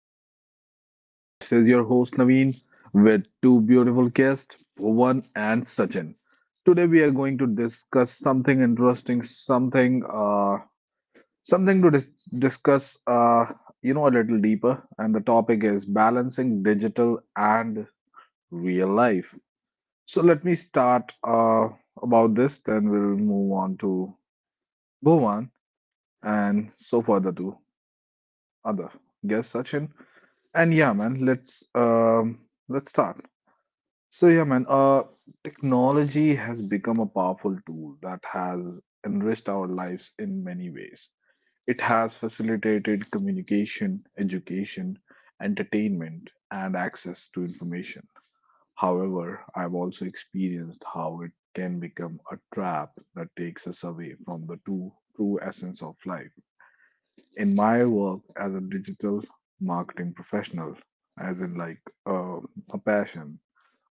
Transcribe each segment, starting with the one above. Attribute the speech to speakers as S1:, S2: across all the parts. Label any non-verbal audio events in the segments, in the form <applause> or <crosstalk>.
S1: to another podcast. This is your host Naveen with two beautiful guests, Bhuvan and Sachin. Today, we are going to discuss something interesting, something, something to dis- discuss, you know, a little deeper. And the topic is balancing digital and real life. So let me start about this. Then we'll move on to Bhuvan and so further to other guests, Sachin. And yeah, man, let's start. So yeah, man, technology has become a powerful tool that has enriched our lives in many ways. It has facilitated communication, education, entertainment, and access to information. However, I've also experienced how it can become a trap that takes us away from the true essence of life in my work as a digital marketing professional as in like uh, a passion.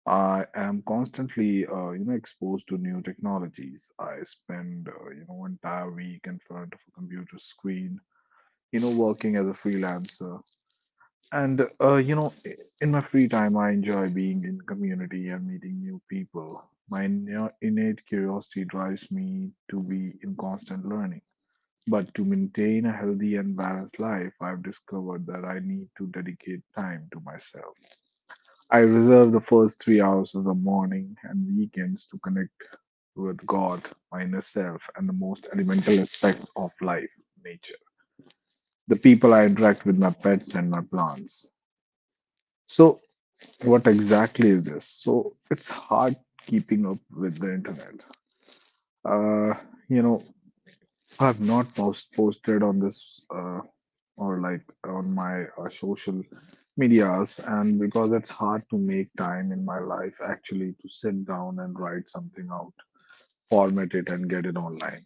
S1: I am constantly exposed to new technologies. I spend entire week in front of a computer screen, you know, working as a freelancer. And in my free time I enjoy being in community and meeting new people. My innate curiosity drives me to be in constant learning. But to maintain a healthy and balanced life, I've discovered that I need to dedicate time to myself. I reserve the first 3 hours of the morning and weekends to connect with God, my inner self, and the most elemental aspects of life, nature, the people I interact with, my pets and my plants. So, what exactly is this? So, it's hard keeping up with the internet. Uh, you know, I've not posted on this. Or like on my social medias, and because it's hard to make time in my life actually to sit down and write something out, format it and get it online.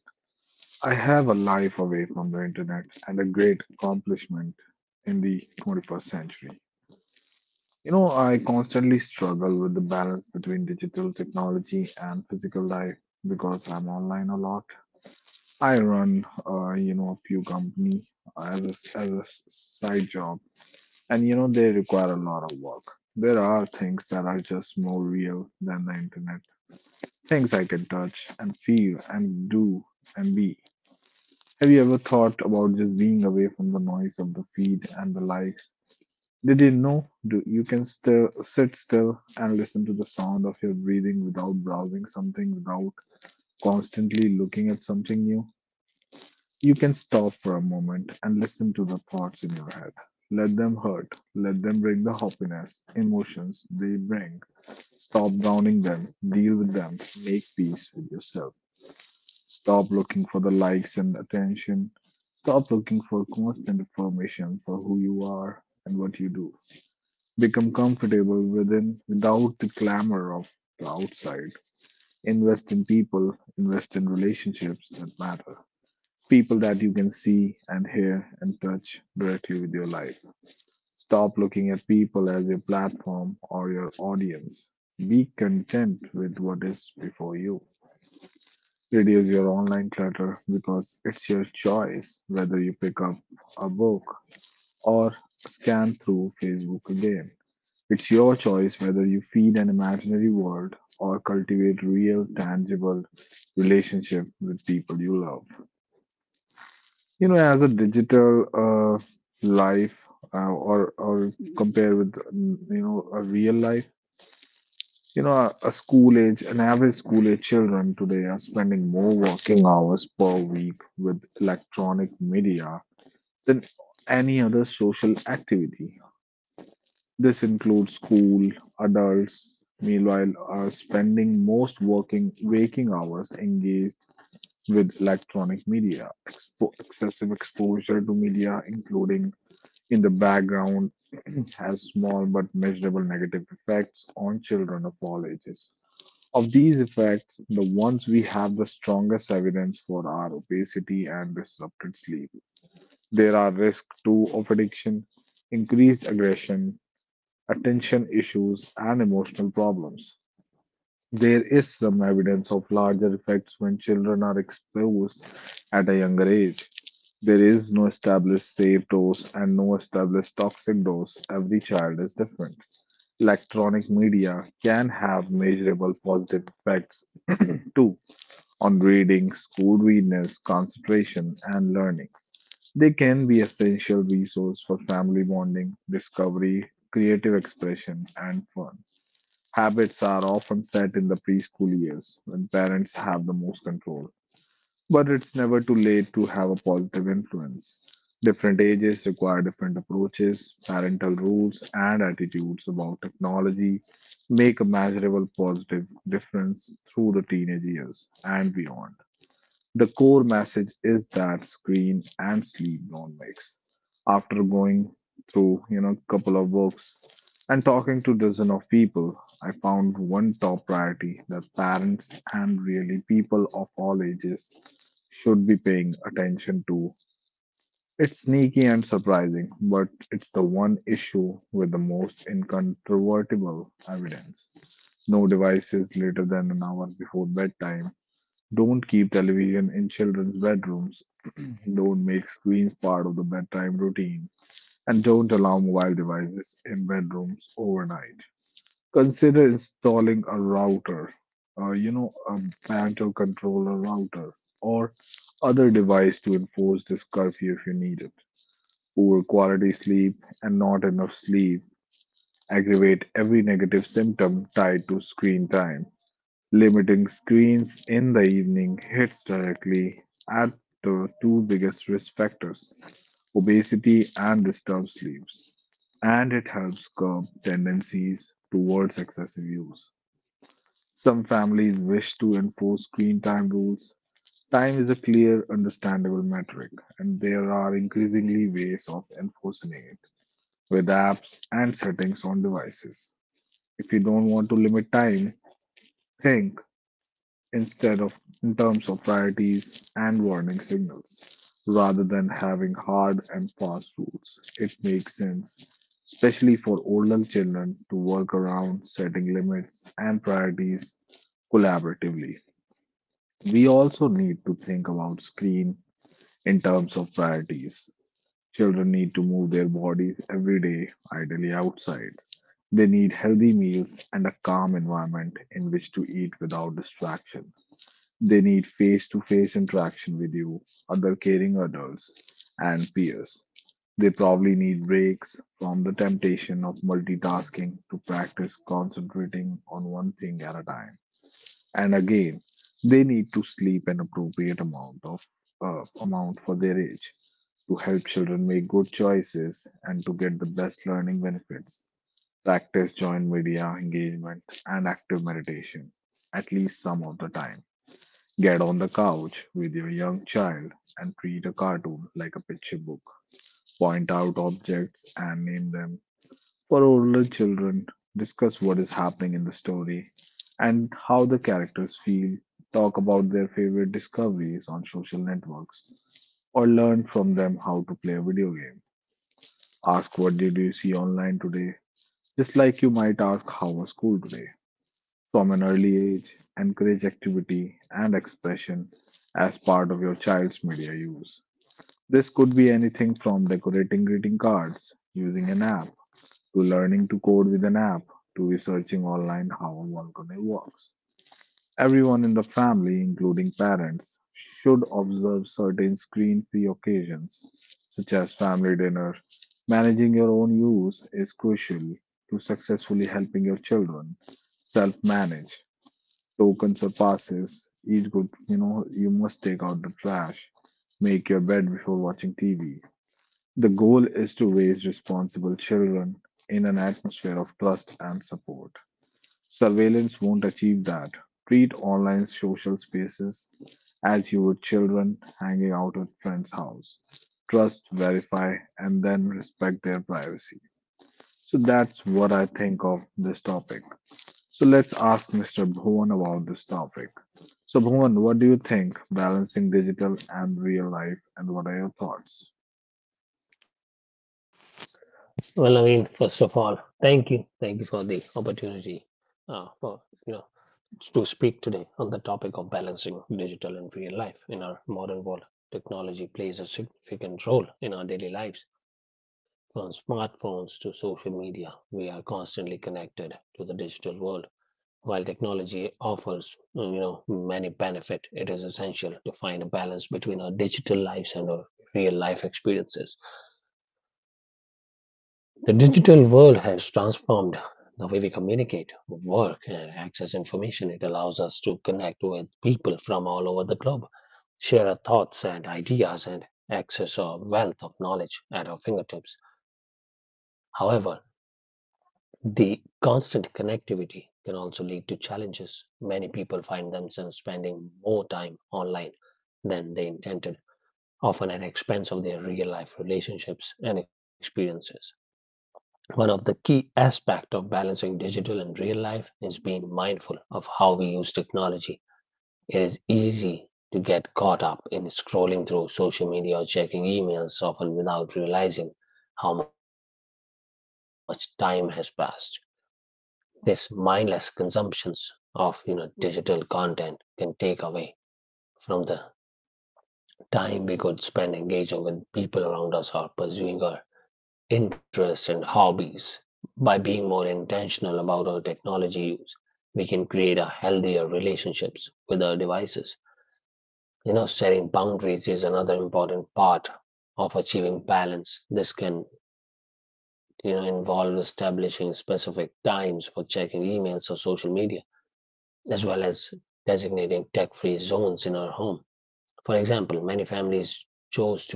S1: I have a life away from the internet and a great accomplishment in the 21st century. You know, I constantly struggle with the balance between digital technology and physical life because I'm online a lot. I run a few company as a side job. And you know, they require a lot of work. There are things that are just more real than the internet, things I can touch and feel and do and be. Have you ever thought about just being away from the noise of the feed and the likes? Did you know do you can still sit still and listen to the sound of your breathing without browsing something, without constantly looking at something new? You can stop for a moment and listen to the thoughts in your head. Let them hurt. Let them bring the happiness, emotions they bring. Stop drowning them. Deal with them. Make peace with yourself. Stop looking for the likes and attention. Stop looking for constant affirmation for who you are and what you do. Become comfortable within without the clamor of the outside. Invest in people, invest in relationships that matter, people that you can see and hear and touch directly with your life. Stop looking at people as your platform or your audience. Be content with what is before you. Reduce your online clutter because it's your choice whether you pick up a book or scan through Facebook again. It's your choice whether you feed an imaginary world or cultivate real, tangible relationship with people you love. You know, as a digital life or compare with a real life, you know, a school age, an average school age children today are spending more working hours per week with electronic media than any other social activity. This includes school. Adults, meanwhile, are spending most working waking hours engaged with electronic media. Expo Excessive exposure to media, including in the background <clears throat> has small but measurable negative effects on children of all ages. Of these effects, the ones we have the strongest evidence for are obesity and disrupted sleep. There are risks too of addiction, increased aggression, attention issues, and emotional problems. There is some evidence of larger effects when children are exposed at a younger age. There is no established safe dose and no established toxic dose. Every child is different. Electronic media can have measurable positive effects <clears throat> too on reading, school readiness, concentration, and learning. They can be essential resource for family bonding, discovery, creative expression, and fun. Habits are often set in the preschool years when parents have the most control. But it's never too late to have a positive influence. Different ages require different approaches. Parental rules and attitudes about technology make a measurable positive difference through the teenage years and beyond. The core message is that screen and sleep don't mix. After going through, you know, couple of books and talking to dozen of people, I found one top priority that parents and really people of all ages should be paying attention to. It's sneaky and surprising, but it's the one issue with the most incontrovertible evidence. No devices later than an hour before bedtime, don't keep television in children's bedrooms. <clears throat> Don't make screens part of the bedtime routine. And don't allow mobile devices in bedrooms overnight. Consider installing a router, a parental controller router, or other device to enforce this curfew if you need it. Poor quality sleep and not enough sleep aggravate every negative symptom tied to screen time. Limiting screens in the evening hits directly at the two biggest risk factors, obesity and disturbed sleeps, and it helps curb tendencies towards excessive use. Some families wish to enforce screen time rules. Time is a clear, understandable metric, and there are increasingly ways of enforcing it with apps and settings on devices. If you don't want to limit time, think instead of in terms of priorities and warning signals. Rather than having hard and fast rules, it makes sense, especially for older children, to work around setting limits and priorities collaboratively. We also need to think about screen in terms of priorities. Children need to move their bodies every day, ideally outside. They need healthy meals and a calm environment in which to eat without distraction. They need face-to-face interaction with you, other caring adults, and peers. They probably need breaks from the temptation of multitasking to practice concentrating on one thing at a time. And again, they need to sleep an appropriate amount for their age to help children make good choices and to get the best learning benefits. Practice joint media engagement and active meditation at least some of the time. Get on the couch with your young child and treat a cartoon like a picture book. Point out objects and name them. For older children, discuss what is happening in the story and how the characters feel. Talk about their favorite discoveries on social networks or learn from them how to play a video game. Ask what did you see online today, just like you might ask how was school today. From an early age, encourage activity and expression as part of your child's media use. This could be anything from decorating greeting cards, using an app, to learning to code with an app, to researching online how a volcano works. Everyone in the family, including parents, should observe certain screen free occasions, such as family dinner. Managing your own use is crucial to successfully helping your children self manage tokens or passes. Eat good, you know, you must take out the trash. Make your bed before watching TV. The goal is to raise responsible children in an atmosphere of trust and support. Surveillance won't achieve that. Treat online social spaces as you would children hanging out at friends' house. Trust, verify, and then respect their privacy. So that's what I think of this topic. So let's ask Mr. Bhuvan about this topic. So, Bhuvan, what do you think balancing digital and real life, and what are your thoughts?
S2: Well, again, first of all, thank you for the opportunity, for you know to speak today on the topic of balancing digital and real life in our modern world. Technology plays a significant role in our daily lives, from smartphones to social media. We are constantly connected to the digital world. While technology offers many benefits, it is essential to find a balance between our digital lives and our real life experiences. The digital world has transformed the way we communicate, work, and access information. It allows us to connect with people from all over the globe, share our thoughts and ideas, and access a wealth of knowledge at our fingertips. However, the constant connectivity can challenges. Many people find themselves spending more time online than they intended, often at expense of their real life relationships and experiences. One of the key aspects of balancing digital and real life is being mindful of how we use technology. It is easy to get caught up in scrolling through social media or checking emails, often without realizing how much time has passed. This mindless consumption of digital content can take away from the time we could spend engaging with people around us or pursuing our interests and hobbies. By being more intentional about our technology use, we can create a healthier relationships with our devices. Setting boundaries is another important part of achieving balance. This can, involve establishing specific times for checking emails or social media, as well as tech-free zones in our home. For example, many families chose to keep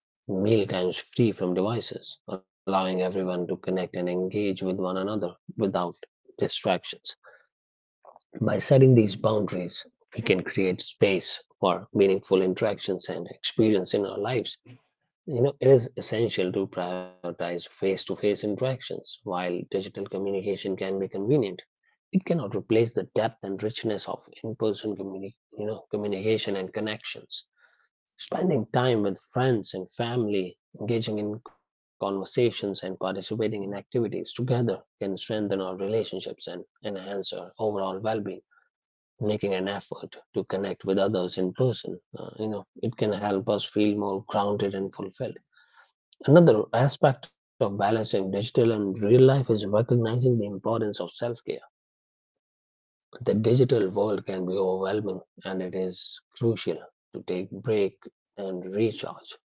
S2: meal times free from devices, allowing everyone to connect and engage with one another without distractions. By setting these boundaries, we can create space for meaningful interactions and experience in our lives. It is essential to prioritize face to face interactions. While digital communication can be convenient, it cannot replace the depth and richness of in person communication and connections. Spending time with friends and family, engaging in conversations, and participating in activities together can strengthen our relationships and enhance our overall well being. Making an effort to connect with others in person, it can help us feel more grounded and fulfilled. Another aspect of balancing digital and real life is recognizing the importance of self care. The digital world can be overwhelming, and it is crucial to take a break and recharge.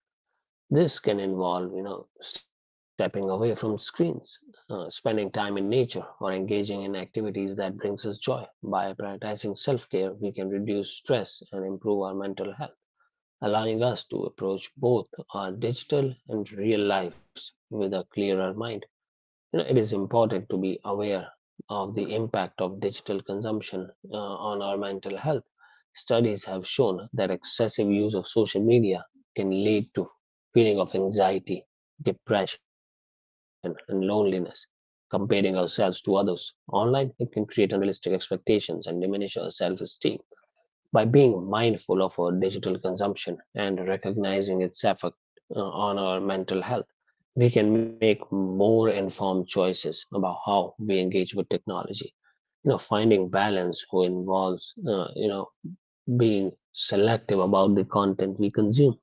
S2: This can involve, stepping away from screens, spending time in nature, or engaging in activities that brings us joy. By prioritizing self-care, we can reduce stress and improve our mental health, allowing us to approach both our digital and real lives with a clearer mind. It is important to be aware of the impact of digital consumption on our mental health. Studies have shown that excessive use of social media can lead to feeling of anxiety, depression, and loneliness. Comparing ourselves to others online, it can create unrealistic expectations and diminish our self-esteem. By being mindful of our digital consumption and recognizing its effect on our mental health, we can make more informed choices about how we engage with technology. Finding balance who involves, being selective about the content we consume.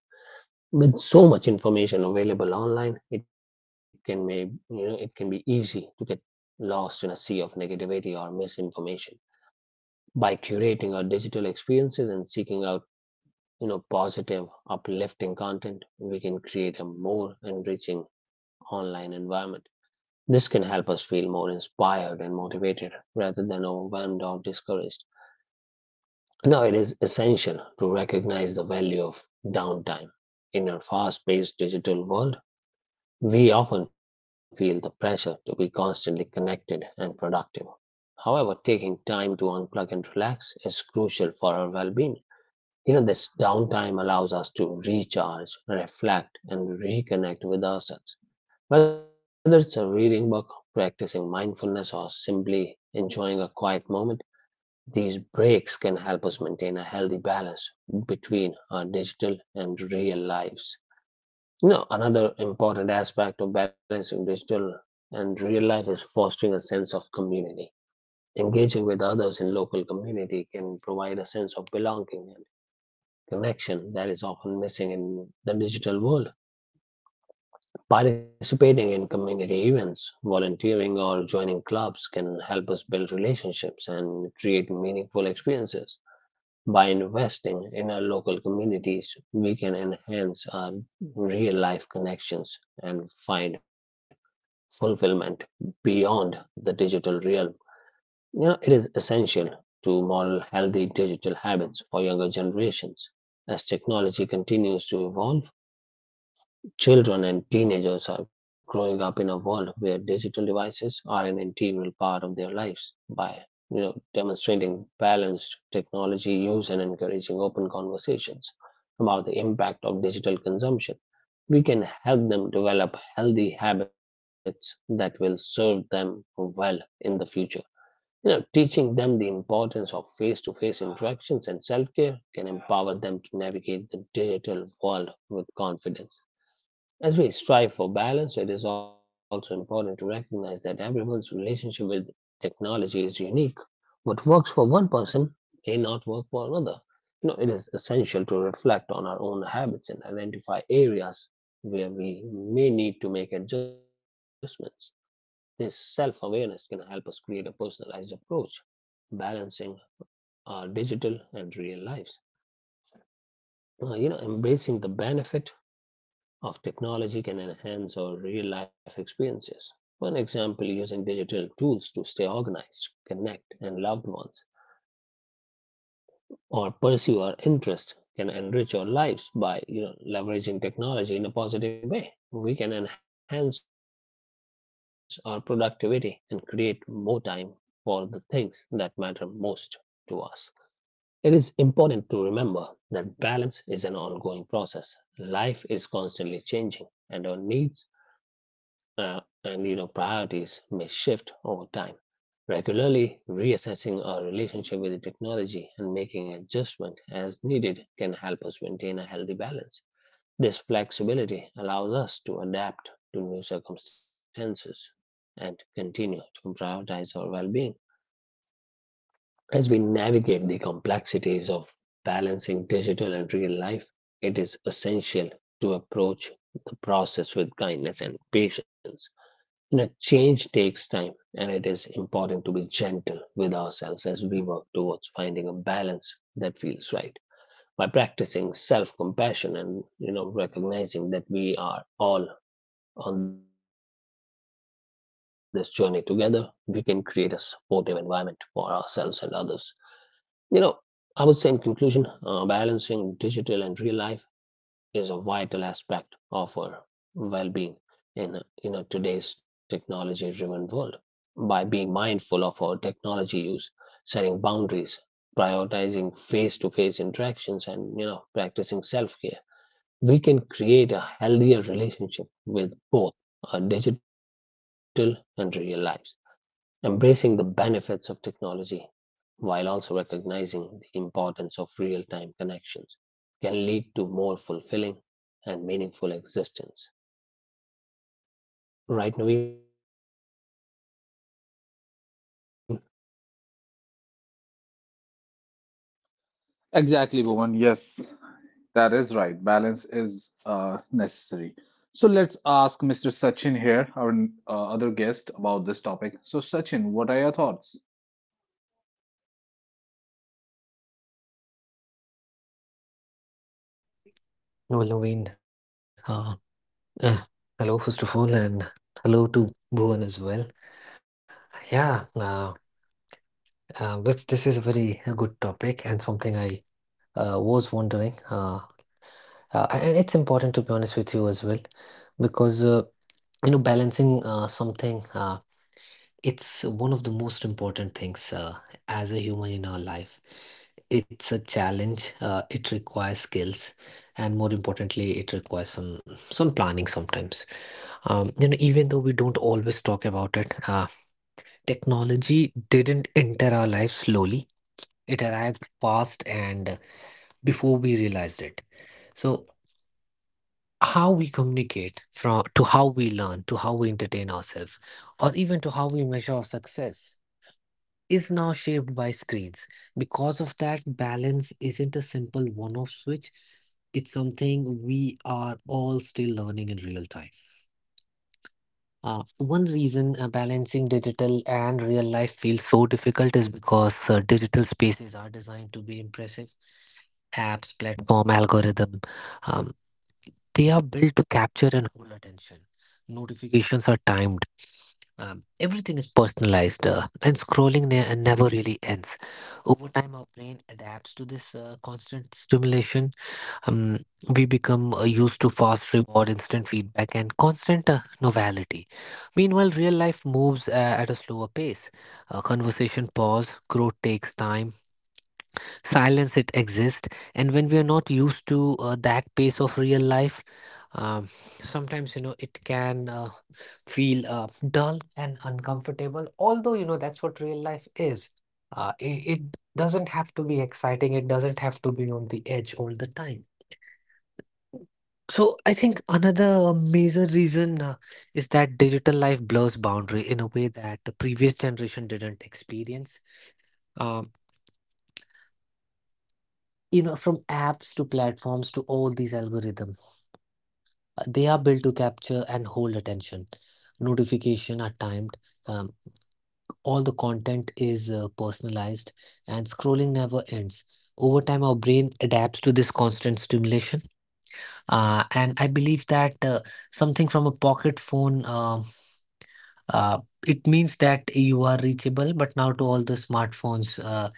S2: With so much information available online, it can make, you know, it can be easy to get lost in a sea of negativity or misinformation. By curating our digital experiences and seeking out positive, uplifting content, we can create a more enriching online environment. This can help us feel more inspired and motivated rather than overwhelmed or discouraged. Now, it is essential to recognize the value of downtime. In our fast paced digital world, we often feel the pressure to be constantly connected and productive. However, taking time to unplug and relax is crucial for our well being. This downtime allows us to recharge, reflect, and reconnect with ourselves. Whether it's a reading book, practicing mindfulness, or simply enjoying a quiet moment, these breaks can help us balance between our digital and real lives. Another important aspect of balancing digital and real life is fostering a sense of community. Engaging with others in local community can provide a sense of belonging and connection that is often missing in the digital world. Participating in community events, volunteering, or joining can help us build relationships and create meaningful experiences. By investing in our local communities, we can enhance our real life connections and find fulfillment beyond the digital realm. It is essential to model healthy digital habits for younger generations as technology continues to evolve. Children and teenagers are growing up in a world where digital devices are an integral part of their lives. By demonstrating balanced technology use and encouraging open conversations about the impact of digital consumption, we can help them develop healthy habits that will serve them well in the future. Teaching them the importance of face-to-face interactions and self-care can empower them to navigate the digital world with confidence. As we strive for balance, it is also important to recognize that everyone's relationship with technology is unique. What works for one person may not work for another. It is essential to reflect on our own habits and identify areas where we may need to make adjustments. This self awareness can help us create a personalized approach, balancing our digital and real lives. Embracing the benefit of technology can enhance our real life experiences. One example using digital tools to stay organized, connect and loved ones, or pursue our interests can enrich our lives by leveraging technology in a positive way. We can enhance our productivity and create more time for the things that matter most to us. It is important to remember that balance is an ongoing process. Life is constantly changing, and our needs and priorities may shift over time. Regularly reassessing our relationship with the technology and making adjustment as needed can help us maintain a healthy balance. This flexibility allows us to adapt to new circumstances and continue to prioritize our well-being as we navigate the complexities of balancing digital and real life. It is essential to approach the process with kindness and patience. Change takes time, and it is important to be gentle with ourselves as work towards finding a balance that feels right. By practicing self compassion and recognizing that we are all on this journey together, we can create a supportive environment for ourselves and others. You know, I would say in conclusion, balancing digital and real life is a vital aspect of our well-being in, in a today's technology-driven world. By being mindful of our technology use, setting boundaries, prioritizing face-to-face interactions, and practicing self-care, we can create a healthier relationship with both our digital and real lives. Embracing the benefits of technology while also recognizing the importance of real time connections can lead to more fulfilling and meaningful existence. Right, Naveen?
S1: Exactly, Bhuvan. Yes, that is right. Balance is necessary. So let's ask Mr. Sachin here, our other guest, about this topic. So, Sachin, what are your thoughts?
S3: No, Naveen. Uh, Hello, first of all, and hello to Bhuvan as well. Yeah, this is a very good topic and something I was wondering. And it's important to be honest with you as well, because you know balancing something. It's one of the most important things as a human in our life. It's a challenge. It requires skills, and more importantly, it requires some planning sometimes. You know, even though we don't always talk about it, technology didn't enter our lives slowly. It arrived fast and before we realized it. So, how we communicate, from to how we learn, to how we entertain ourselves, or even to how we measure our success is now shaped by screens. Because of that, balance isn't a simple one off switch, it's something we are all still learning in real time. One reason balancing digital and real life feels so difficult is because digital spaces are designed to be impressive. Apps, platform, algorithm, um, they are built to capture and hold attention. Notifications are timed. Everything is personalized, and never really ends. Over time, our brain adapts to this constant stimulation. Um, we become used to fast reward, instant feedback, and constant novelty. Meanwhile, real life moves at a slower pace. Conversation pause, growth takes time, silence it exists, and when we are not used to that pace of real life, um, sometimes you know it can feel dull and uncomfortable. Although, you know, that's what real life is. Uh, it, it doesn't have to be exciting, it doesn't have to be on the edge all the time. So I think another major reason is that digital life blurs boundary in a way that the previous generation didn't experience. Um, you know, from apps to platforms to all these algorithms, they are built to capture and hold attention. Notification are timed. Um. All the content is personalized and scrolling never ends. Over time, our brain adapts to this constant stimulation, and I believe that something from a pocket phone, uh, it means that you are reachable, but now to all the smartphones uh,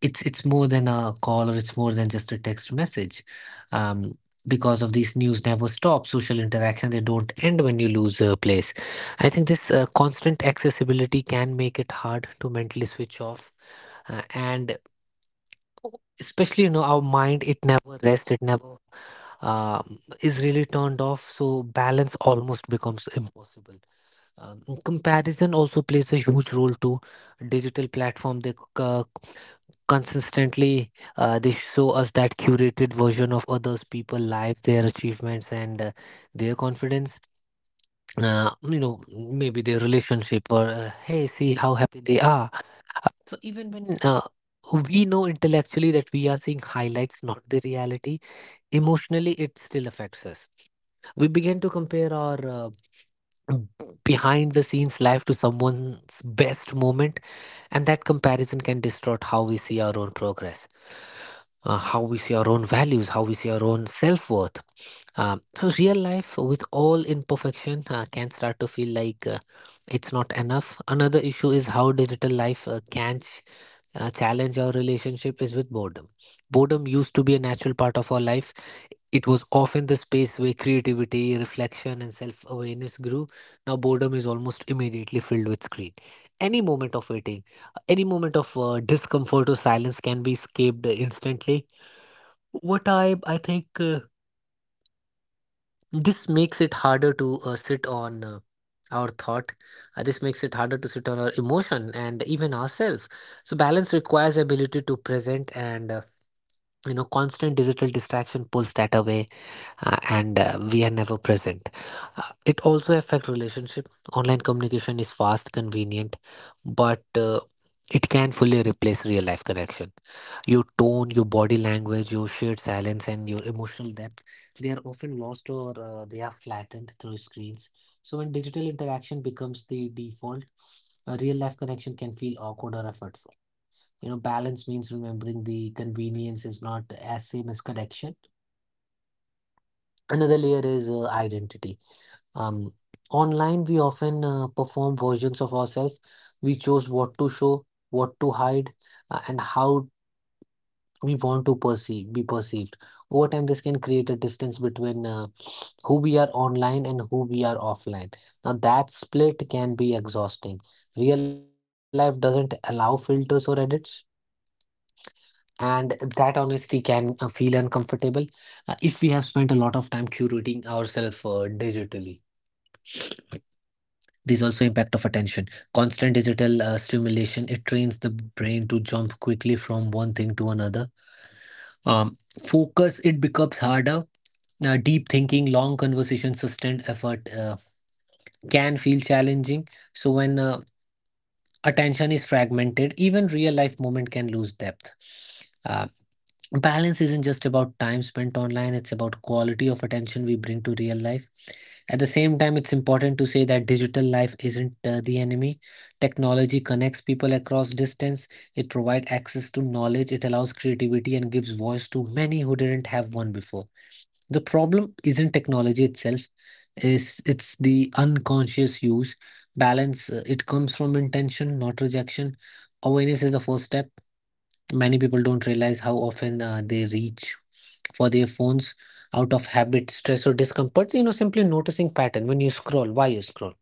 S3: it's it's more than a call, or it's more than just a text message. Um, because of these, news never stop, social interaction they don't end when you lose a place. I think this constant accessibility can make it hard to mentally switch off, and especially you know our mind, it never rests, it never is really turned off, so balance almost becomes impossible. Comparison also plays a huge role too. Digital platform they consistently they show us that curated version of others people life, their achievements and their confidence, you know, maybe their relationship, or hey, see how happy they are. So even when we know intellectually that we are seeing highlights, not the reality, emotionally it still affects us. We begin to compare our behind the scenes life to someone's best moment, and that comparison can distort how we see our own progress, how we see our own values, how we see our own self-worth. So real life with all imperfection can start to feel like it's not enough. Another issue is how digital life can challenge our relationship is with boredom. Boredom used to be a natural part of our life. It was often the space where creativity, reflection, and self awareness grew. Now, boredom is almost immediately filled with screen. Any moment of waiting, any moment of discomfort or silence can be escaped instantly. What I think this makes it harder to sit on our thought. This makes it harder to sit on our emotion and even ourselves. So, balance requires ability to present, and you know constant digital distraction pulls that away, and we are never present. It also affects relationship. Online communication is fast, convenient, but it can fully replace real life connection. Your tone, your body language, your shared silence, and your emotional depth, they are often lost, or they are flattened through screens. So when digital interaction becomes the default, a real life connection can feel awkward or effortful. You know, balance means remembering the convenience is not as same as connection. Another layer is identity. Um, Online, we often perform versions of ourselves. We chose what to show, what to hide, and how we want to perceive, be perceived. Over time, this can create a distance between who we are online and who we are offline. Now, that split can be exhausting. Real life doesn't allow filters or edits, and that honesty can feel uncomfortable if we have spent a lot of time curating ourselves digitally. There's also impact of attention. Constant digital stimulation, it trains the brain to jump quickly from one thing to another. Focus, it becomes harder. Deep thinking, long conversation, sustained effort can feel challenging. So when attention is fragmented, even real life moment can lose depth. Uh, Balance isn't just about time spent online, it's about quality of attention we bring to real life. At the same time, it's important to say that digital life isn't the enemy. Technology connects people across distance, it provides access to knowledge, it allows creativity, and gives voice to many who didn't have one before. The problem isn't technology itself, is it's the unconscious use. Balance, it comes from intention, not rejection. Awareness is the first step. Many people don't realize how often they reach for their phones out of habit, stress, or discomfort. So, you know, simply noticing pattern, when you scroll, why you scroll,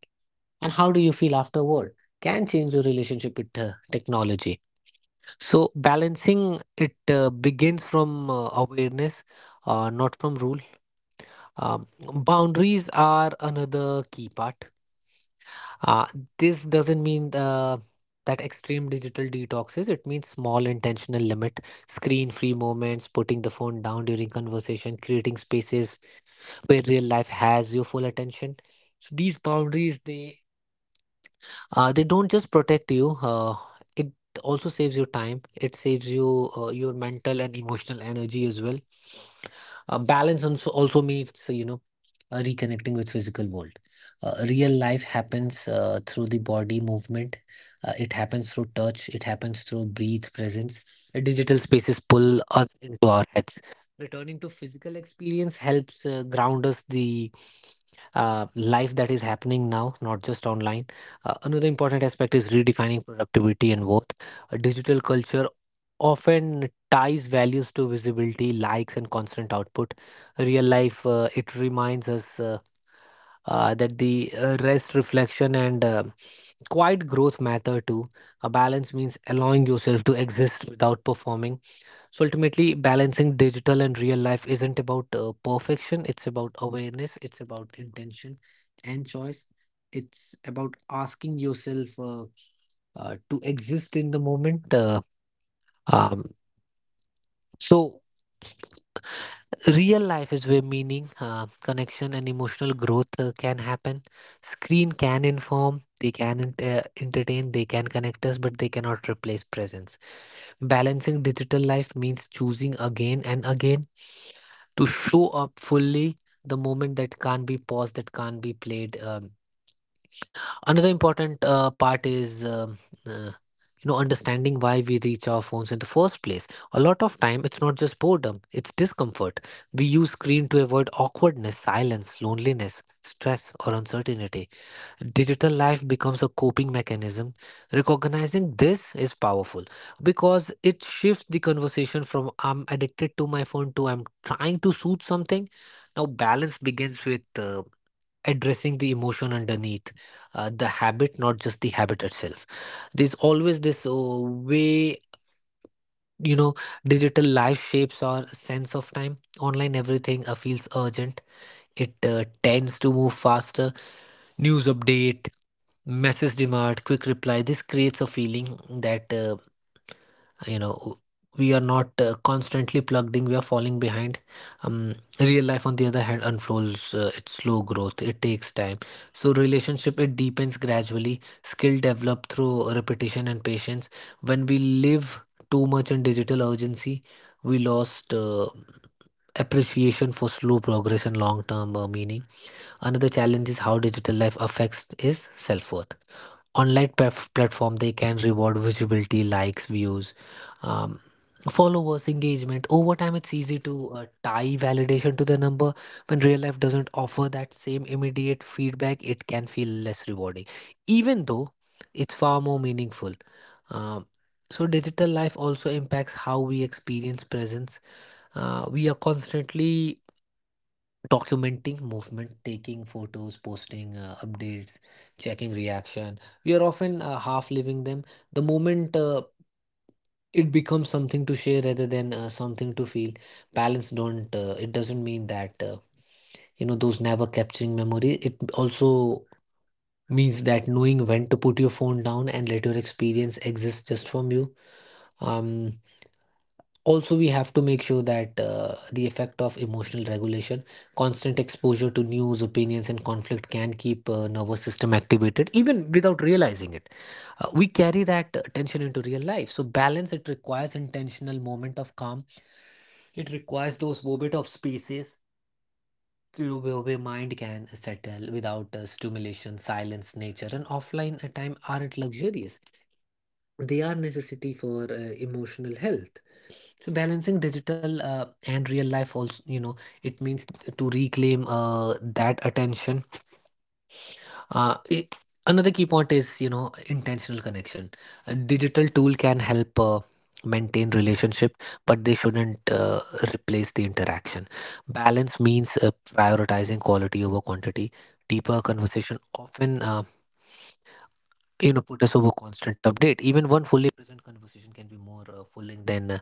S3: and how do you feel afterward, can change your relationship with technology. So balancing it begins from awareness, not from rule. Um, Boundaries are another key part. Uh, this doesn't mean that extreme digital detoxes. It means small intentional limit, screen-free moments, putting the phone down during conversation, creating spaces where real life has your full attention. So these boundaries, they don't just protect you, it also saves you time, it saves you your mental and emotional energy as well. Balance also means you know reconnecting with physical world. Real life happens through the body movement, it happens through touch, it happens through breathe presence. Digital spaces pull us into our heads. Returning to physical experience helps ground us the life that is happening now, not just online. Another important aspect is redefining productivity and worth. A digital culture often ties values to visibility, likes, and constant output. Real life, it reminds us that the rest, reflection, and quiet growth matter too. A balance means allowing yourself to exist without performing. So ultimately, balancing digital and real life isn't about perfection, it's about awareness, it's about intention and choice. It's about asking yourself to exist in the moment. Um, so, real life is where meaning, connection, and emotional growth can happen. Screen can inform, they can entertain, they can connect us, but they cannot replace presence. Balancing digital life means choosing again and again to show up fully the moment that can't be paused, that can't be played. Another important part is uh, you know understanding why we reach our phones in the first place. A lot of time it's not just boredom, it's discomfort. We use screen to avoid awkwardness, silence, loneliness, stress, or uncertainty. Digital life becomes a coping mechanism. Recognizing this is powerful because it shifts the conversation from I'm addicted to my phone to I'm trying to soothe something. Now, balance begins with addressing the emotion underneath the habit, not just the habit itself. There's always this way. You know, digital life shapes our sense of time. Online, everything feels urgent. It tends to move faster. News update, message demand, quick reply. This creates a feeling that you know we are not constantly plugged in. We are falling behind. Real life, on the other hand, unfolds its slow growth. It takes time. So relationship it deepens gradually. Skill develop through repetition and patience. When we live too much in digital urgency, we lost appreciation for slow progress and long term meaning. Another challenge is how digital life affects is self worth. Online, platform they can reward visibility, likes, views, um, followers, engagement. Over time, it's easy to tie validation to the number. When real life doesn't offer that same immediate feedback, it can feel less rewarding, even though it's far more meaningful. Um, so digital life also impacts how we experience presence. We are constantly documenting movement, taking photos, posting updates, checking reaction. We are often half living them. The moment it becomes something to share rather than something to feel. Balance don't uh, it doesn't mean that you know those never capturing memory. It also means that knowing when to put your phone down and let your experience exist just from you. um Also, we have to make sure that the effect of emotional regulation, constant exposure to news, opinions, and conflict can keep nervous system activated even without realizing it. We carry that tension into real life. So balance it requires intentional moment of calm. It requires those moment of spaces through where mind can settle without stimulation. Silence, nature, and offline time aren't luxurious. They are necessity for emotional health. So balancing digital and real life also, you know, it means to reclaim that attention. Uh, it, another key point is, you know, intentional connection. A digital tool can help maintain relationship, but they shouldn't replace the interaction. Balance means prioritizing quality over quantity. Deeper conversation often, you know, put us over constant update. Even one fully present conversation can be more fulfilling than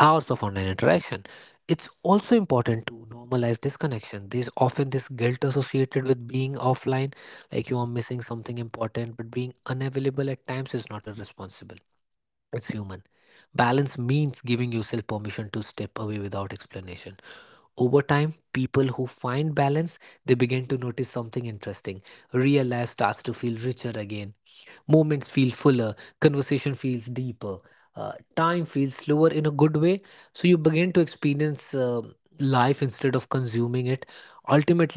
S3: hours of online interaction. It's also important to normalize disconnection. There's often this guilt associated with being offline, like you are missing something important, but being unavailable at times is not irresponsible. It's human. Balance means giving yourself permission to step away without explanation. Over time, people who find balance, they begin to notice something interesting. Real life starts to feel richer again. Moments feel fuller, conversation feels deeper, time feels slower in a good way. So you begin to experience life instead of consuming it.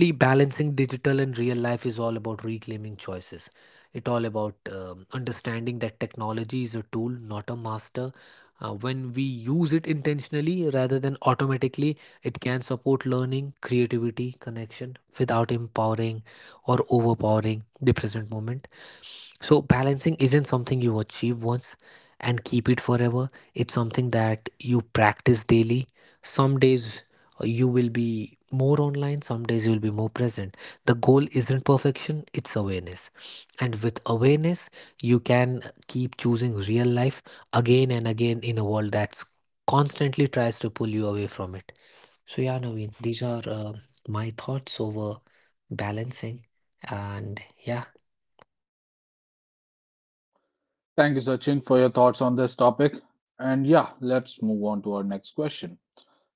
S3: Ultimately, balancing digital and real life is all about reclaiming choices. It all about understanding that technology is a tool, not a master. When we use it intentionally rather than automatically, it can support learning, creativity, connection without empowering or overpowering the present moment. So, balancing isn't something you achieve once and keep it forever. It's something that you practice daily. Some days you will be more online, some days you will be more present. The goal isn't perfection, it's awareness. And with awareness, you can keep choosing real life again and again in a world that's constantly tries to pull you away from it. So, yeah, Naveen, these are my thoughts over balancing. And yeah.
S1: Thank you, Sachin, for your thoughts on this topic. And yeah, let's move on to our next question.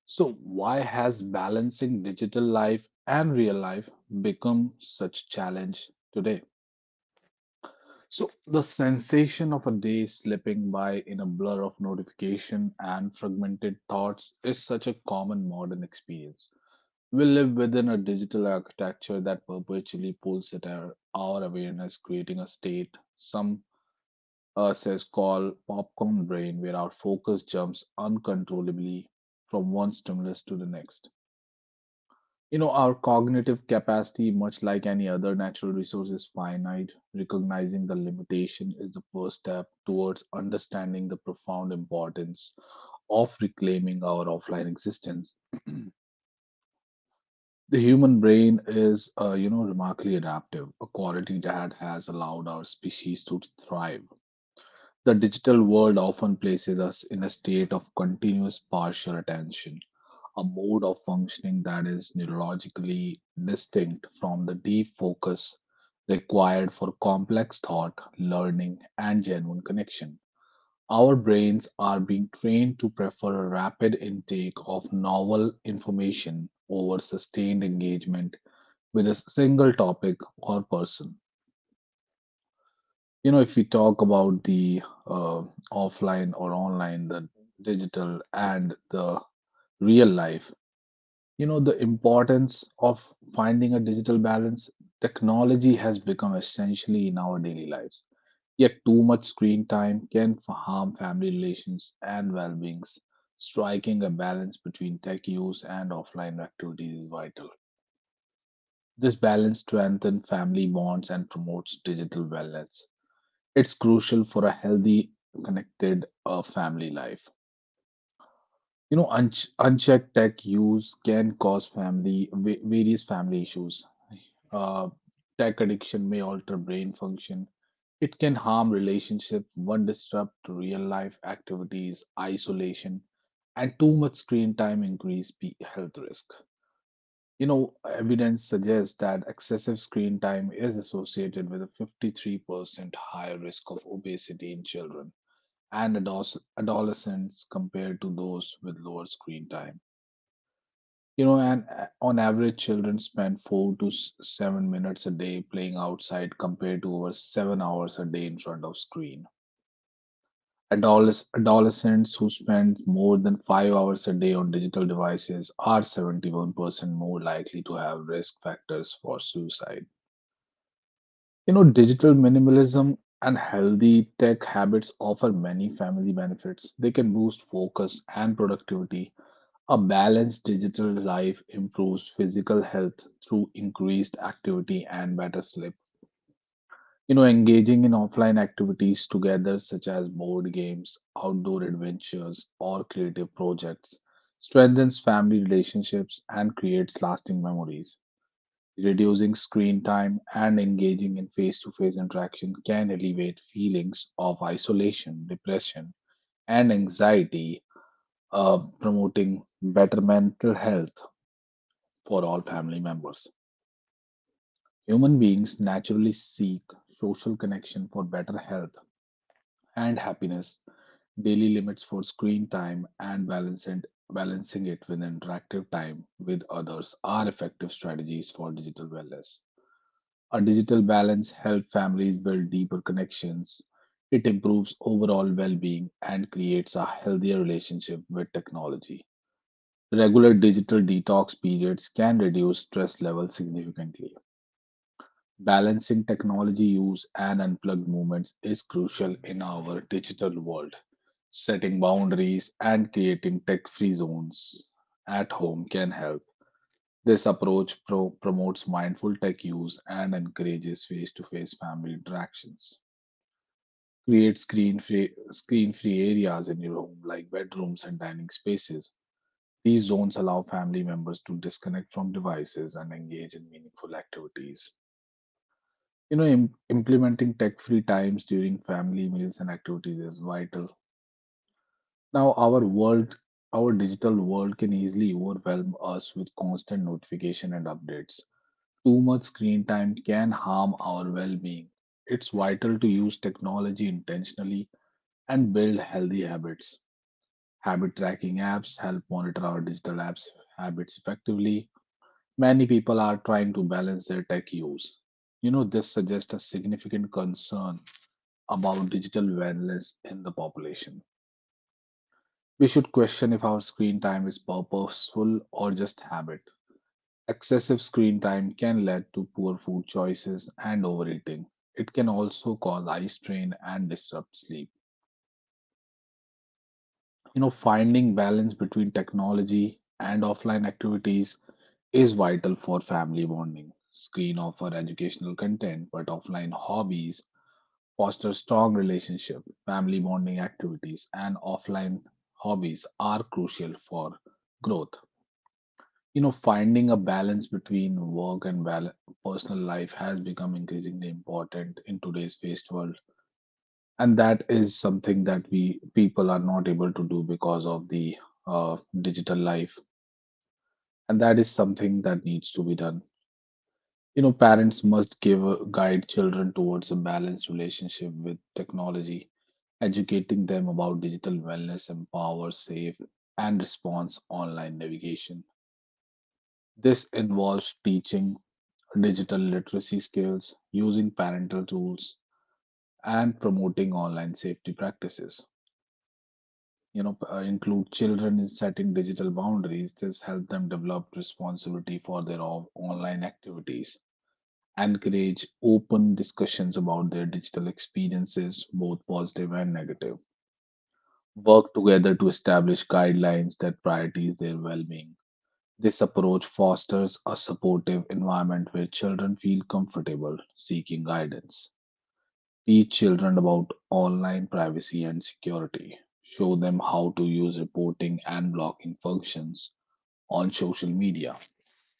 S1: So, why has balancing digital life and real life become such challenge today? So, the sensation of a day slipping by in a blur of notification and fragmented thoughts is such a common modern experience. We live within a digital architecture that perpetually pulls at our awareness, creating a state some says call popcorn brain, where our focus jumps uncontrollably from one stimulus to the next. You know, our cognitive capacity, much like any other natural resource, is finite. Recognizing the limitation is the first step towards understanding the profound importance of reclaiming our offline existence. The human brain is, remarkably adaptive, a quality that has allowed our species to thrive. The digital world often places us in a state of continuous partial attention, a mode of functioning that is neurologically distinct from the deep focus required for complex thought, learning, and genuine connection. Our brains are being trained to prefer a rapid intake of novel information over sustained engagement with a single topic or person. If we talk about the offline or online, the digital and the real life, the importance of finding a digital balance, technology has become essentially in our daily lives. Yet, too much screen time can harm family relations and well beings. Striking a balance between tech use and offline activities is vital. This balance strengthens family bonds and promotes digital wellness. It's crucial for a healthy, connected family life. Unchecked tech use can cause family various family issues. Uh, Tech addiction may alter brain function. It can harm relationships, one disrupt real life activities, isolation, and too much screen time increase health risk. You know, Evidence suggests that excessive screen time is associated with a 53% higher risk of obesity in children and adolescents compared to those with lower screen time. You know, and On average, children spend four to 7 minutes a day playing outside compared to over 7 hours a day in front of screen. Adolescents who spend more than 5 hours a day on digital devices are 71% more likely to have risk factors for suicide. Digital minimalism and healthy tech habits offer many family benefits. They can boost focus and productivity. A balanced digital life improves physical health through increased activity and better sleep. Engaging in offline activities together, such as board games, outdoor adventures, or creative projects, strengthens family relationships and creates lasting memories. Reducing screen time and engaging in face to face interaction can alleviate feelings of isolation, depression, and anxiety, promoting better mental health for all family members. Human beings naturally seek social connection for better health and happiness. Daily limits for screen time and balance and balancing it with interactive time with others are effective strategies for digital wellness. A digital balance helps families build deeper connections. It improves overall well-being and creates a healthier relationship with technology. Regular digital detox periods can reduce stress levels significantly. Balancing technology use and unplugged movements is crucial in our digital world. Setting boundaries and creating tech free zones at home can help. This approach promotes mindful tech use and encourages face to face family interactions. Create screen free areas in your home, like bedrooms and dining spaces. These zones allow family members to disconnect from devices and engage in meaningful activities. Implementing tech-free times during family meals and activities is vital. Now, our world, our digital world can easily overwhelm us with constant notification and updates. Too much screen time can harm our well-being. It's vital to use technology intentionally and build healthy habits. Habit tracking apps help monitor our digital apps habits effectively. Many people are trying to balance their tech use. This suggests a significant concern about digital wellness in the population. We should question if our screen time is purposeful or just habit. Excessive screen time can lead to poor food choices and overeating. It can also cause eye strain and disrupt sleep. Finding balance between technology and offline activities is vital for family bonding. Screen offer educational content, but offline hobbies foster strong relationship, family bonding activities, and offline hobbies are crucial for growth. Finding a balance between work and personal life has become increasingly important in today's fast world, and that is something that we people are not able to do because of the uh, digital life, and that is something that needs to be done. Parents must give guide children towards a balanced relationship with technology. Educating them about digital wellness empower, safe and response online navigation. This involves teaching digital literacy skills, using parental tools, and promoting online safety practices. Include children in setting digital boundaries. This helps them develop responsibility for their online activities. Encourage open discussions about their digital experiences, both positive and negative. Work together to establish guidelines that prioritize their well-being. This approach fosters a supportive environment where children feel comfortable seeking guidance. Teach children about online privacy and security. Show them how to use reporting and blocking functions on social media.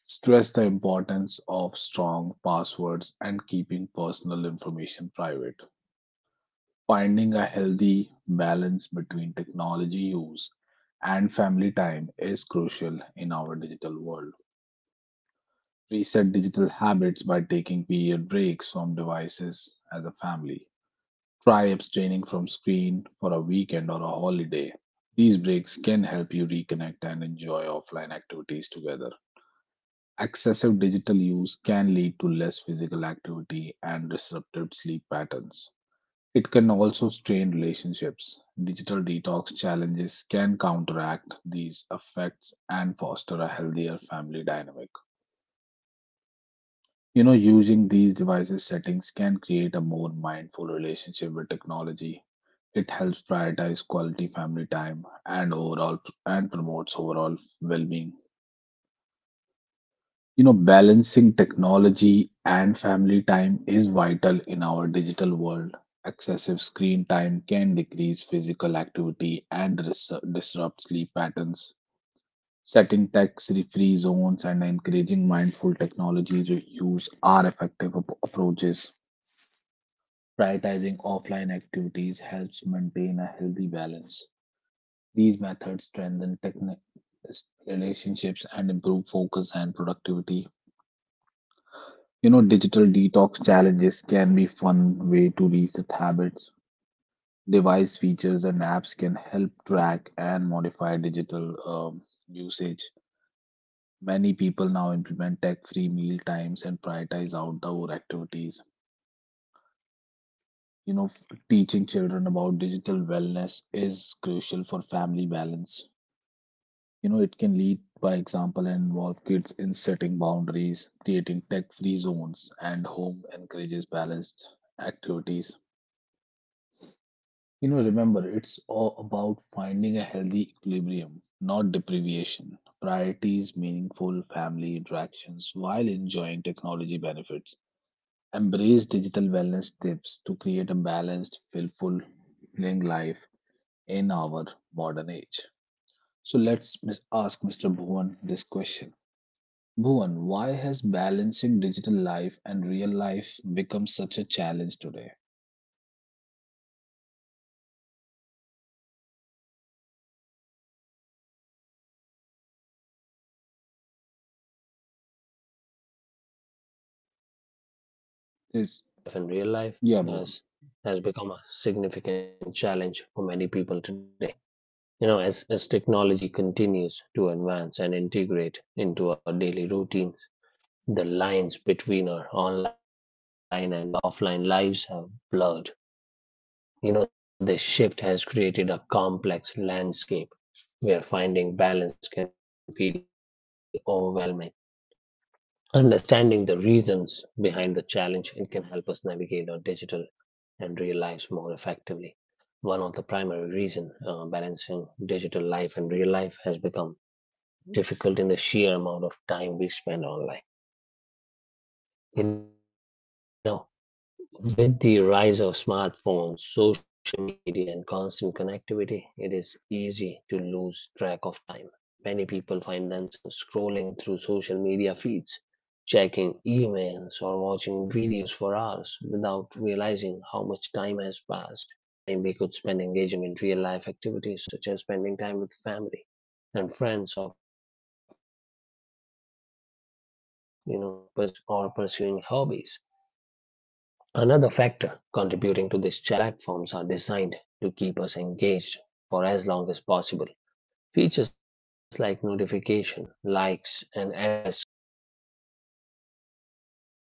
S1: Stress the importance of strong passwords and keeping personal information private. Finding a healthy balance between technology use and family time is crucial in our digital world. Reset digital habits by taking period breaks from devices as a family. Try abstaining from screen for a weekend or a holiday. These breaks can help you reconnect and enjoy offline activities together. Excessive digital use can lead to less physical activity and disrupted sleep patterns. It can also strain relationships. Digital detox challenges can counteract these effects and foster a healthier family dynamic. Using these devices settings can create a more mindful relationship with technology. It helps prioritize quality family time and promotes overall well-being. Balancing technology and family time is vital in our digital world. Excessive screen time can decrease physical activity and disrupt sleep patterns. Setting tax-free zones and encouraging mindful technology to use are effective approaches. Prioritizing offline activities helps maintain a healthy balance. These methods strengthen relationships and improve focus and productivity. Digital detox challenges can be fun way to reset habits. Device features and apps can help track and modify digital usage. Many people now implement tech-free meal times and prioritize outdoor activities. You know, f- Teaching children about digital wellness is crucial for family balance. It can lead by example and involve kids in setting boundaries, creating tech-free zones, and home encourages balanced activities. Remember, it's all about finding a healthy equilibrium, not deprivation. Priorities, meaningful family interactions while enjoying technology benefits. Embrace digital wellness tips to create a balanced, fulfilling life in our modern age. So ask Mr. Bhuvan this question. Bhuvan, why has balancing digital life and real life become such a challenge today?
S2: Well, Naveen, I would say
S1: This,
S2: balancing digital life and real
S1: yeah,
S2: life
S1: Bhuvan.
S2: has, has become a significant challenge for many people today. As technology continues to advance and integrate into our daily routines, the lines between our online and offline lives have blurred. This shift has created a complex landscape where finding balance can feel overwhelming. Understanding the reasons behind the challenge it can help us navigate our digital and real lives more effectively. One of the primary reason balancing digital life and real life has become difficult in the sheer amount of time we spend online. You know, With the rise of smartphones, social media, and constant connectivity, it is easy to lose track of time. Many people find themselves scrolling through social media feeds, checking emails, or watching videos for hours without time can take away from the time we could spend engaging in real life activities such as spending time with family and friends of or pursuing hobbies. Another factor contributing to this challenge is the addictive nature of technology. Many digital platforms are designed to keep us engaged for as long as possible. Features like notification, likes, and endless scrolling, it creates a cycle.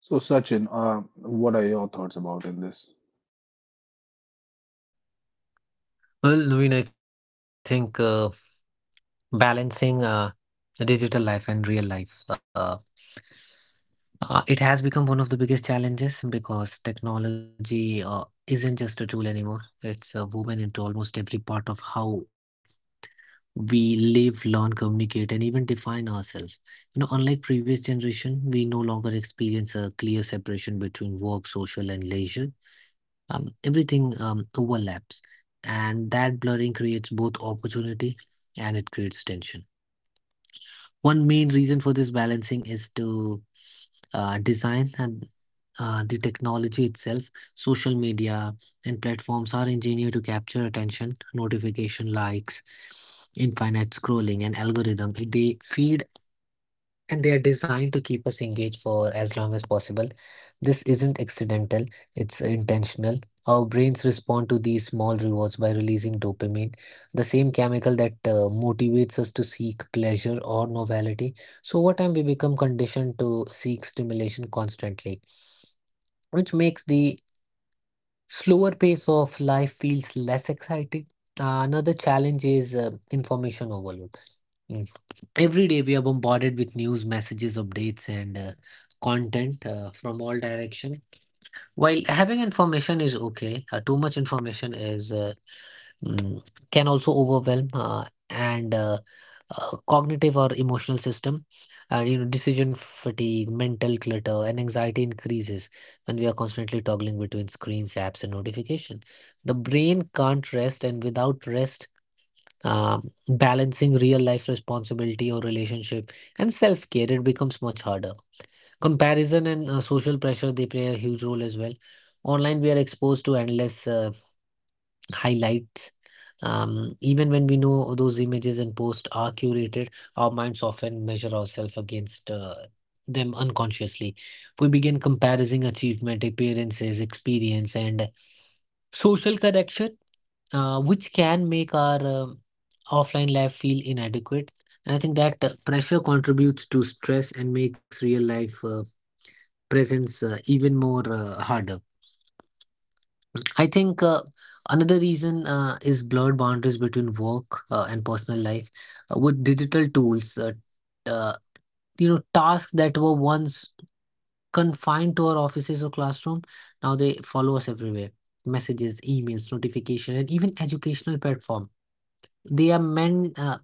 S1: So, Sachin, what are your thoughts about in this?
S3: Well, Naveen, I think. Balancing the digital life and real life. It has become one of the biggest challenges because technology isn't just a tool anymore. It's woven into almost every part of how we live, learn, communicate, and even define ourselves. You know, unlike previous generation, we no longer experience a clear separation between work, social, and leisure. Everything overlaps, and that blurring creates both opportunity and it creates tension. One main reason for this balancing is to design and the technology itself. Social media and platforms are engineered to capture attention, notification, likes, infinite scrolling, and algorithm. They feed and they are designed to keep us engaged for as long as possible. This isn't accidental, it's intentional. Our brains respond to these small rewards by releasing dopamine, the same chemical that motivates us to seek pleasure or novelty. So, over time, we become conditioned to seek stimulation constantly, which makes the slower pace of life feels less exciting. Another challenge is information overload. Mm. Every day we are bombarded with news, messages, updates, and content from all direction. While having information is okay, too much information can also overwhelm and cognitive or emotional system. You know, decision fatigue, mental clutter, and anxiety increases when we are constantly toggling between screens, apps, and notification. The brain can't rest, and without rest balancing real life responsibility or relationship and self care, it becomes much harder. Comparison and social pressure, they play a huge role as well. Online, we are exposed to endless highlights. Even when we know those images and posts are curated, our minds often measure ourselves against them unconsciously. We begin comparing achievement, appearances, experience, and social connection, which can make our offline life feel inadequate. And I think that pressure contributes to stress and makes real life presence even more harder. I think another reason is blurred boundaries between work and personal life. With digital tools, uh, you know, tasks that were once confined to our offices or classroom, now they follow us everywhere. Messages, emails, notification, and even educational platform, they are meant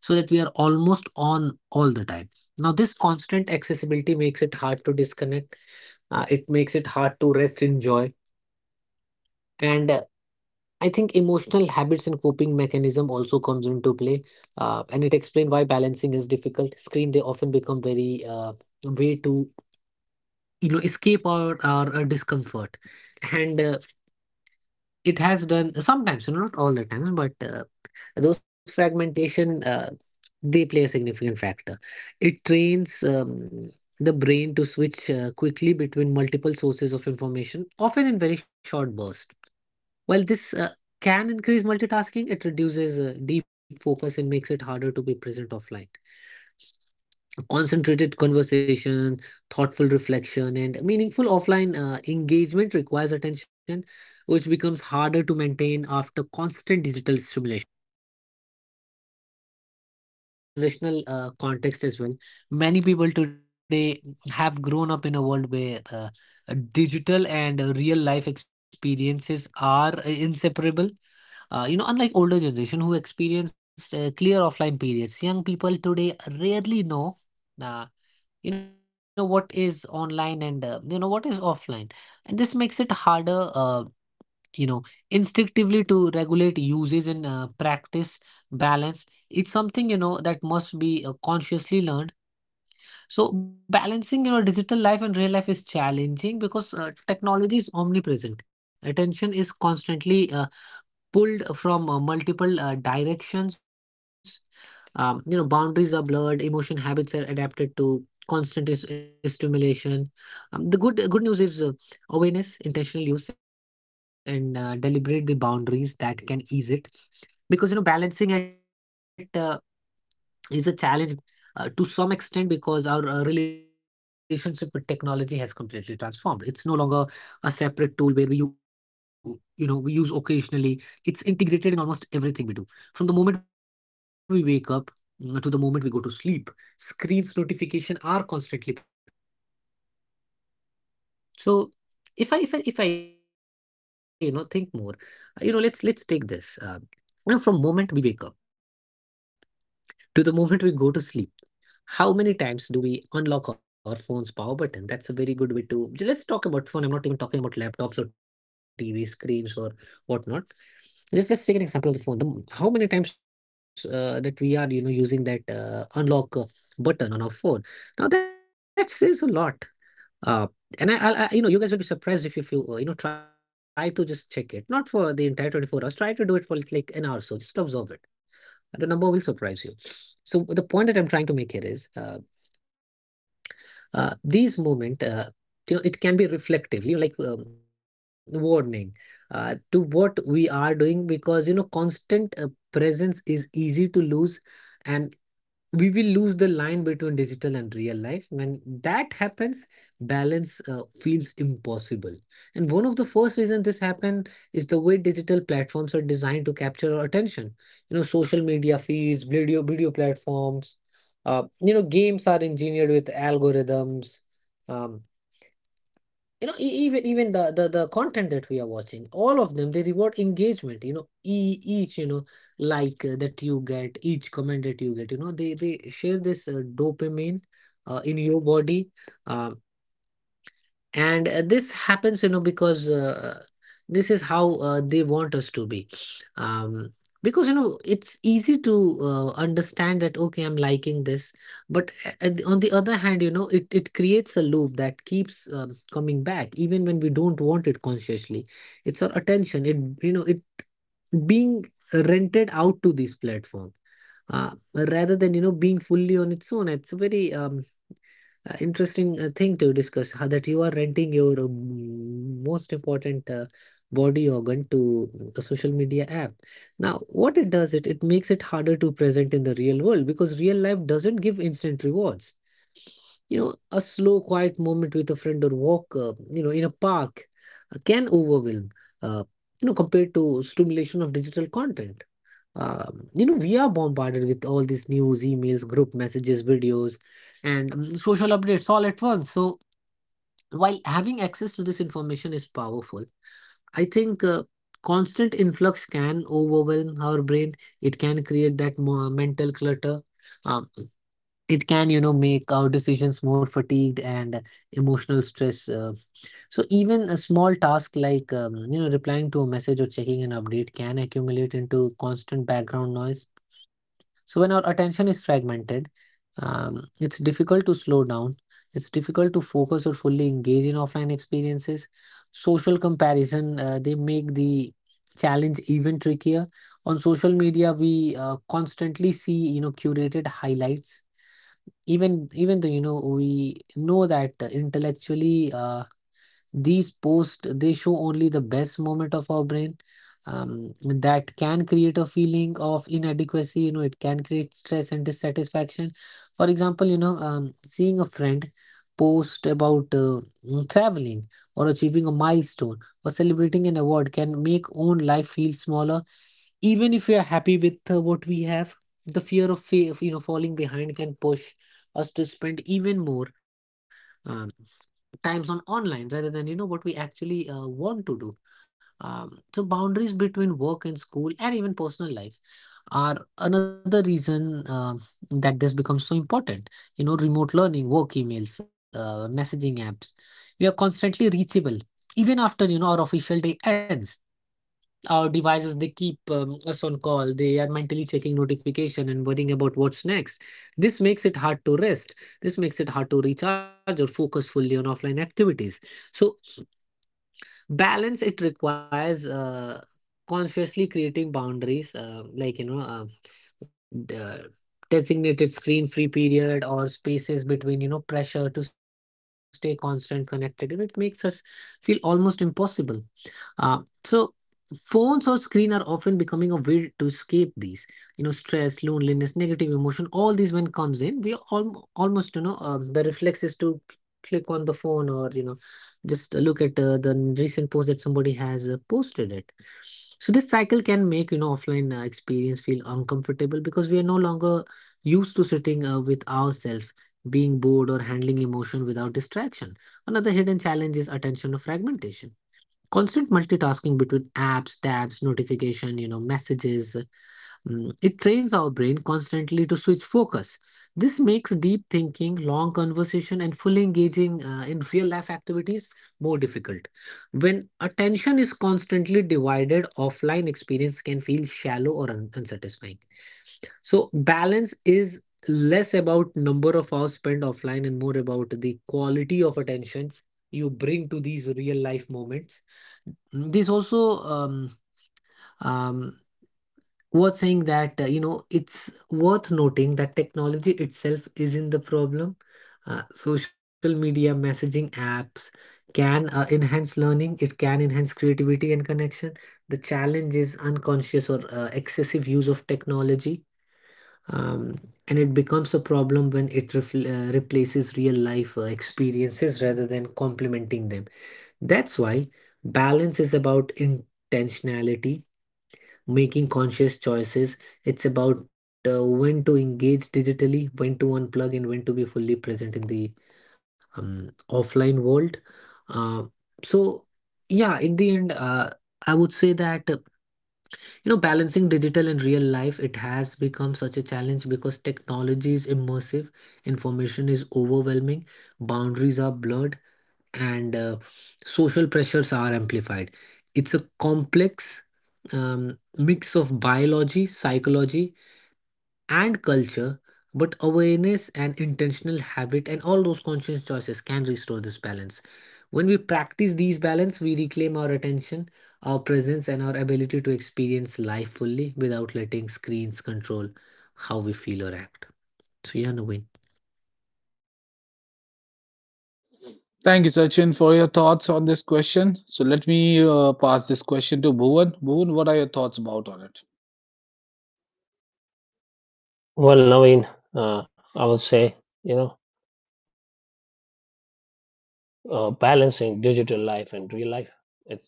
S3: so that we are almost on all the time. Now this constant accessibility makes it hard to disconnect. It makes it hard to rest in joy. And uh, i think emotional habits and coping mechanism also comes into play, and it explains why balancing is difficult. Screen they often become very, way to, you know, escape our discomfort. And uh, it has done sometimes, not all the times, but those fragmentation, they play a significant factor. It trains the brain to switch quickly between multiple sources of information, often in very short bursts. While this can increase multitasking, it reduces deep focus and makes it harder to be present offline. Concentrated conversation, thoughtful reflection, and meaningful offline engagement requires attention, which becomes harder to maintain after constant digital stimulation. And I think there is this generational context as well. Many people today have grown up in a world where digital and real life experiences are inseparable. You know, unlike older generation who experienced clear offline periods, young people today rarely know, uh, you know, what is online and, you know, what is offline, and this makes it harder. You know, instinctively to regulate uses and practice balance, it's something, you know, that must be consciously learned. So balancing, you know, digital life and real life is challenging because technology is omnipresent, attention is constantly pulled from multiple directions. You know, boundaries are blurred, emotion habits are adapted to constant stimulation. The good news is awareness, intentional use, and deliberate the boundaries that can ease it. Because, you know, balancing it, is a challenge to some extent because our relationship with technology has completely transformed. It's no longer a separate tool where we you you know we use occasionally. It's integrated in almost everything we do. From the moment we wake up, to the moment we go to sleep, screens notification are constantly present. So if I you know think more, you know, let's take this. You know, from moment we wake up to the moment we go to sleep, how many times do we unlock our phone's power button? That's a very good way to let's talk about phone. I'm not even talking about laptops or TV screens or whatnot. Just let's take an example of the phone. How many times that we are, you know, using that unlock button on our phone? Now that says a lot. Uh, and I, I'll, I, you know, you guys will be surprised if you, you know, try to just check it, not for the entire 24 hours, try to do it for like an hour or so. Just observe it. The number will surprise you. So the point that I'm trying to make here is these moment, you know, it can be reflective, you know, like warning to what we are doing because, you know, constant presence is easy to lose, and we will lose the line between digital and real life. When that happens, balance feels impossible. And one of the first reasons this happened is the way digital platforms are designed to capture our attention. You know, social media feeds, video platforms. You know, games are engineered with algorithms. Um, even the content that we are watching, all of them, they reward engagement, you know e- each you know like that you get, each comment that you get, you know, they share this dopamine in your body. Uh, and uh, this happens, you know, because this is how they want us to be, um, because you know it's easy to understand that, okay, I'm liking this. But a- at on the other hand, you know, it creates a loop that keeps coming back even when we don't want it consciously. It's our attention it you know it being rented out to this platform, uh, rather than, you know, being fully on its own. It's a very interesting thing to discuss, how that you are renting your most important body organ to a social media app. Now what it does, it makes it harder to present in the real world, because real life doesn't give instant rewards. You know, a slow, quiet moment with a friend or walk, you know, in a park can overwhelm uh, you know, compared to stimulation of digital content. You know, we are bombarded with all these news, emails, group messages, videos and social updates all at once. So while having access to this information is powerful, I think constant influx can overwhelm our brain. It can create that mental clutter. um, it can, you know, make our decisions more fatigued and emotional stress. So even a small task like, you know, replying to a message or checking an update can accumulate into constant background noise. So when our attention is fragmented, it's difficult to slow down. It's difficult to focus or fully engage in offline experiences. Social comparison, they make the challenge even trickier. On social media, we constantly see, you know, curated highlights. Even though, you know, we know that intellectually, these posts, they show only the best moment of our brain. That can create a feeling of inadequacy. You know, it can create stress and dissatisfaction. For example, you know, seeing a friend post about traveling or achieving a milestone or celebrating an award can make own life feel smaller, even if we are happy with what we have. The fear of, you know, falling behind can push us to spend even more um, times on online rather than, you know, what we actually want to do. So boundaries between work and school and even personal life are another reason that this becomes so important. You know, remote learning, work emails, messaging apps, we are constantly reachable even after, you know, our official day ends. Our devices, they keep us on call. They are mentally checking notification and worrying about what's next. This makes it hard to rest. This makes it hard to recharge or focus fully on offline activities. So balance, it requires consciously creating boundaries, like, you know, d- uh, designated screen free period or spaces. Between, you know, pressure to stay constant connected, and it makes us feel almost impossible. So phones or screen are often becoming a way to escape these. You know, stress, loneliness, negative emotion. All these, when comes in, we almost, you know, the reflex is to click on the phone, or you know, just look at the recent post that somebody has posted it. So this cycle can make, you know, offline experience feel uncomfortable, because we are no longer used to sitting with ourselves, being bored or handling emotion without distraction. Another hidden challenge is attention fragmentation. Constant multitasking between apps, tabs, notification, you know, messages, it trains our brain constantly to switch focus. This makes deep thinking, long conversation and fully engaging in real life activities more difficult. When attention is constantly divided, offline experience can feel shallow or unsatisfying. So balance is less about number of hours spent offline and more about the quality of attention you bring to these real life moments. This also um, was saying that you know, it's worth noting that technology itself isn't the problem. Social media, messaging apps can enhance learning. It can enhance creativity and connection. The challenge is unconscious or excessive use of technology, um, and it becomes a problem when it replaces real life experiences rather than complementing them. That's why balance is about intentionality, making conscious choices. It's about, when to engage digitally, when to unplug, and when to be fully present in the offline world. Uh, so, yeah, in the end, I would say that, you know, balancing digital and real life, it has become such a challenge because technology is immersive, information is overwhelming, boundaries are blurred, and social pressures are amplified. It's a complex mix of biology, psychology and culture, but awareness and intentional habit and all those conscious choices can restore this balance. When we practice these balance, we reclaim our attention, our presence, and our ability to experience life fully without letting screens control how we feel or act. So yeah, Naveen.
S1: Thank you, Sachin, for your thoughts on this question. So let me pass this question to Bhuvan. Bhuvan, what are your thoughts about on it?
S2: Well, Naveen, I would say, you know, balancing digital life and real life, it's it's uh,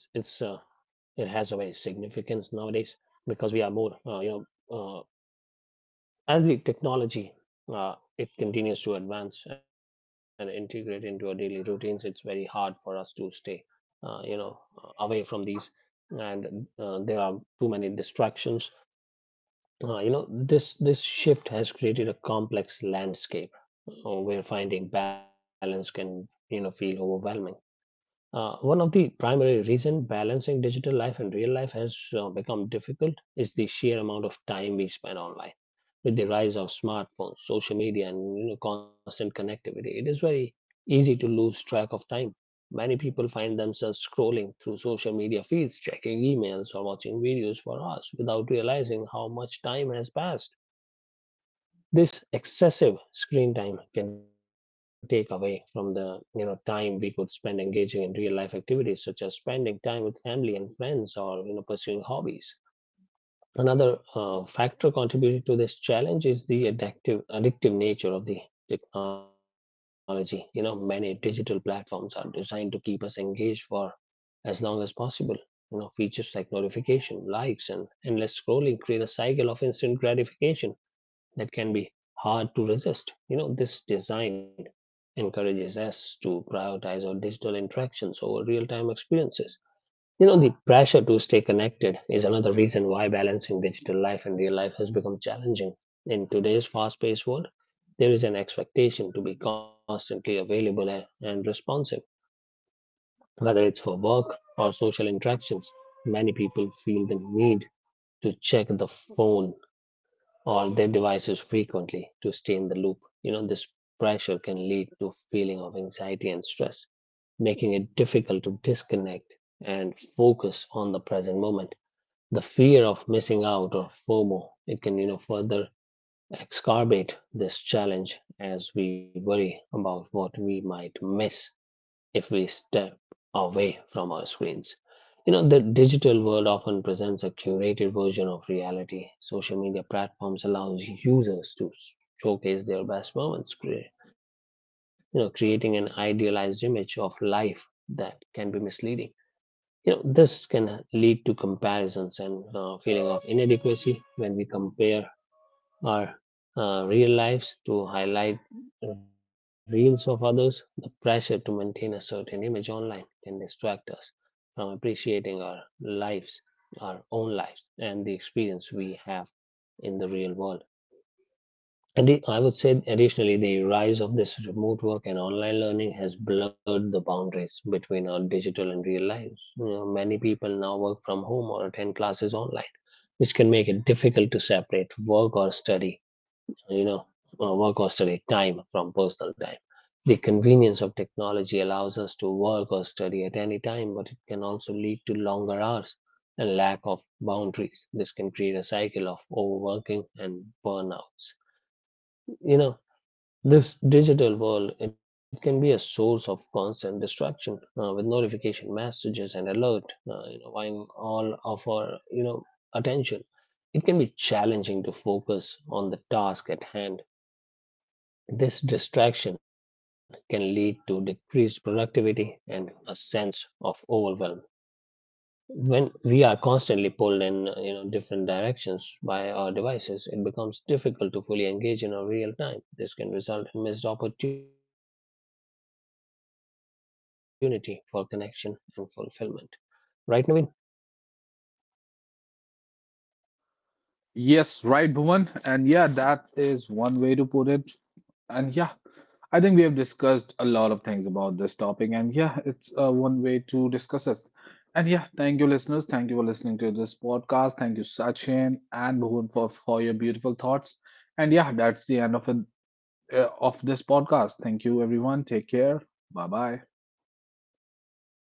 S2: it has a very significance nowadays because we are more, uh, as the technology it continues to advance and integrate into our daily routines, it's very hard for us to stay, away from these, and there are too many distractions. This a complex landscape where finding balance can, feel overwhelming. One of the primary reason balancing digital life and real life has become difficult is the sheer amount of time we spend online. With the rise of smartphones, social media, and you know, constant connectivity, it is very easy to lose track of time. Many people find themselves scrolling through social media feeds, checking emails, or watching videos for hours without realizing how much time has passed. This excessive screen time can take away from the time we could spend engaging in real life activities such as spending time with family and friends or pursuing hobbies. Another factor contributing to this challenge is the addictive nature of the technology. You know, many digital platforms are designed to keep us engaged for as long as possible. You know, features like notification, likes, and endless scrolling create a cycle of instant gratification that can be hard to resist. You know, this design encourages us to prioritize our digital interactions over real time experiences. You know, the pressure to stay connected is another reason why balancing digital life and real life has become challenging. In today's fast paced world, there is an expectation to be constantly available and responsive, whether it's for work or social interactions. Many people feel the need to check the phone or their devices frequently to stay in the loop. You know, this pressure can lead to feeling of anxiety and stress, making it difficult to disconnect and focus on the present moment. The fear of missing out or FOMO, it can, you know, further exacerbate this challenge as we worry about what we might miss if we step away from our screens. You know, the digital world often presents a curated version of reality. Social media platforms allows users to showcase their best moments, you know, creating an idealized image of life that can be misleading. You know, this can lead to comparisons and feeling of inadequacy when we compare our real lives to highlight reels of others. The pressure to maintain a certain image online can distract us from appreciating our lives, our own lives, and the experience we have in the real world. And I would say, additionally, the rise of this remote work and online learning has blurred the boundaries between our digital and real lives. You know, many people now work from home or attend classes online, which can make it difficult to separate work or study you know work or study time from personal time. The convenience of technology allows us to work or study at any time, but it can also lead to longer hours and lack of boundaries. This can create a cycle of overworking and burnouts, you know. This digital world, it can be a source of constant distraction, with notification messages and alert, you know, vying all of our attention. It can be challenging to focus on the task at hand. This distraction can lead to decreased productivity and a sense of overwhelm. When we are constantly pulled in different directions by our devices, it becomes difficult to fully engage in our real time. This can result in missed opportunity for connection and fulfillment. Right, Naveen?
S1: Yes, right, Bhuvan. And yeah, that is one way to put it. And yeah, I think we have discussed a lot of things about this topic. And yeah, it's one way to discuss it. And yeah, thank you, listeners. Thank you for listening to this podcast. Thank you, Sachin and Bhuvan, for, your beautiful thoughts. And yeah, that's the end of it. Of this podcast. Thank you, everyone. Take care. Bye bye.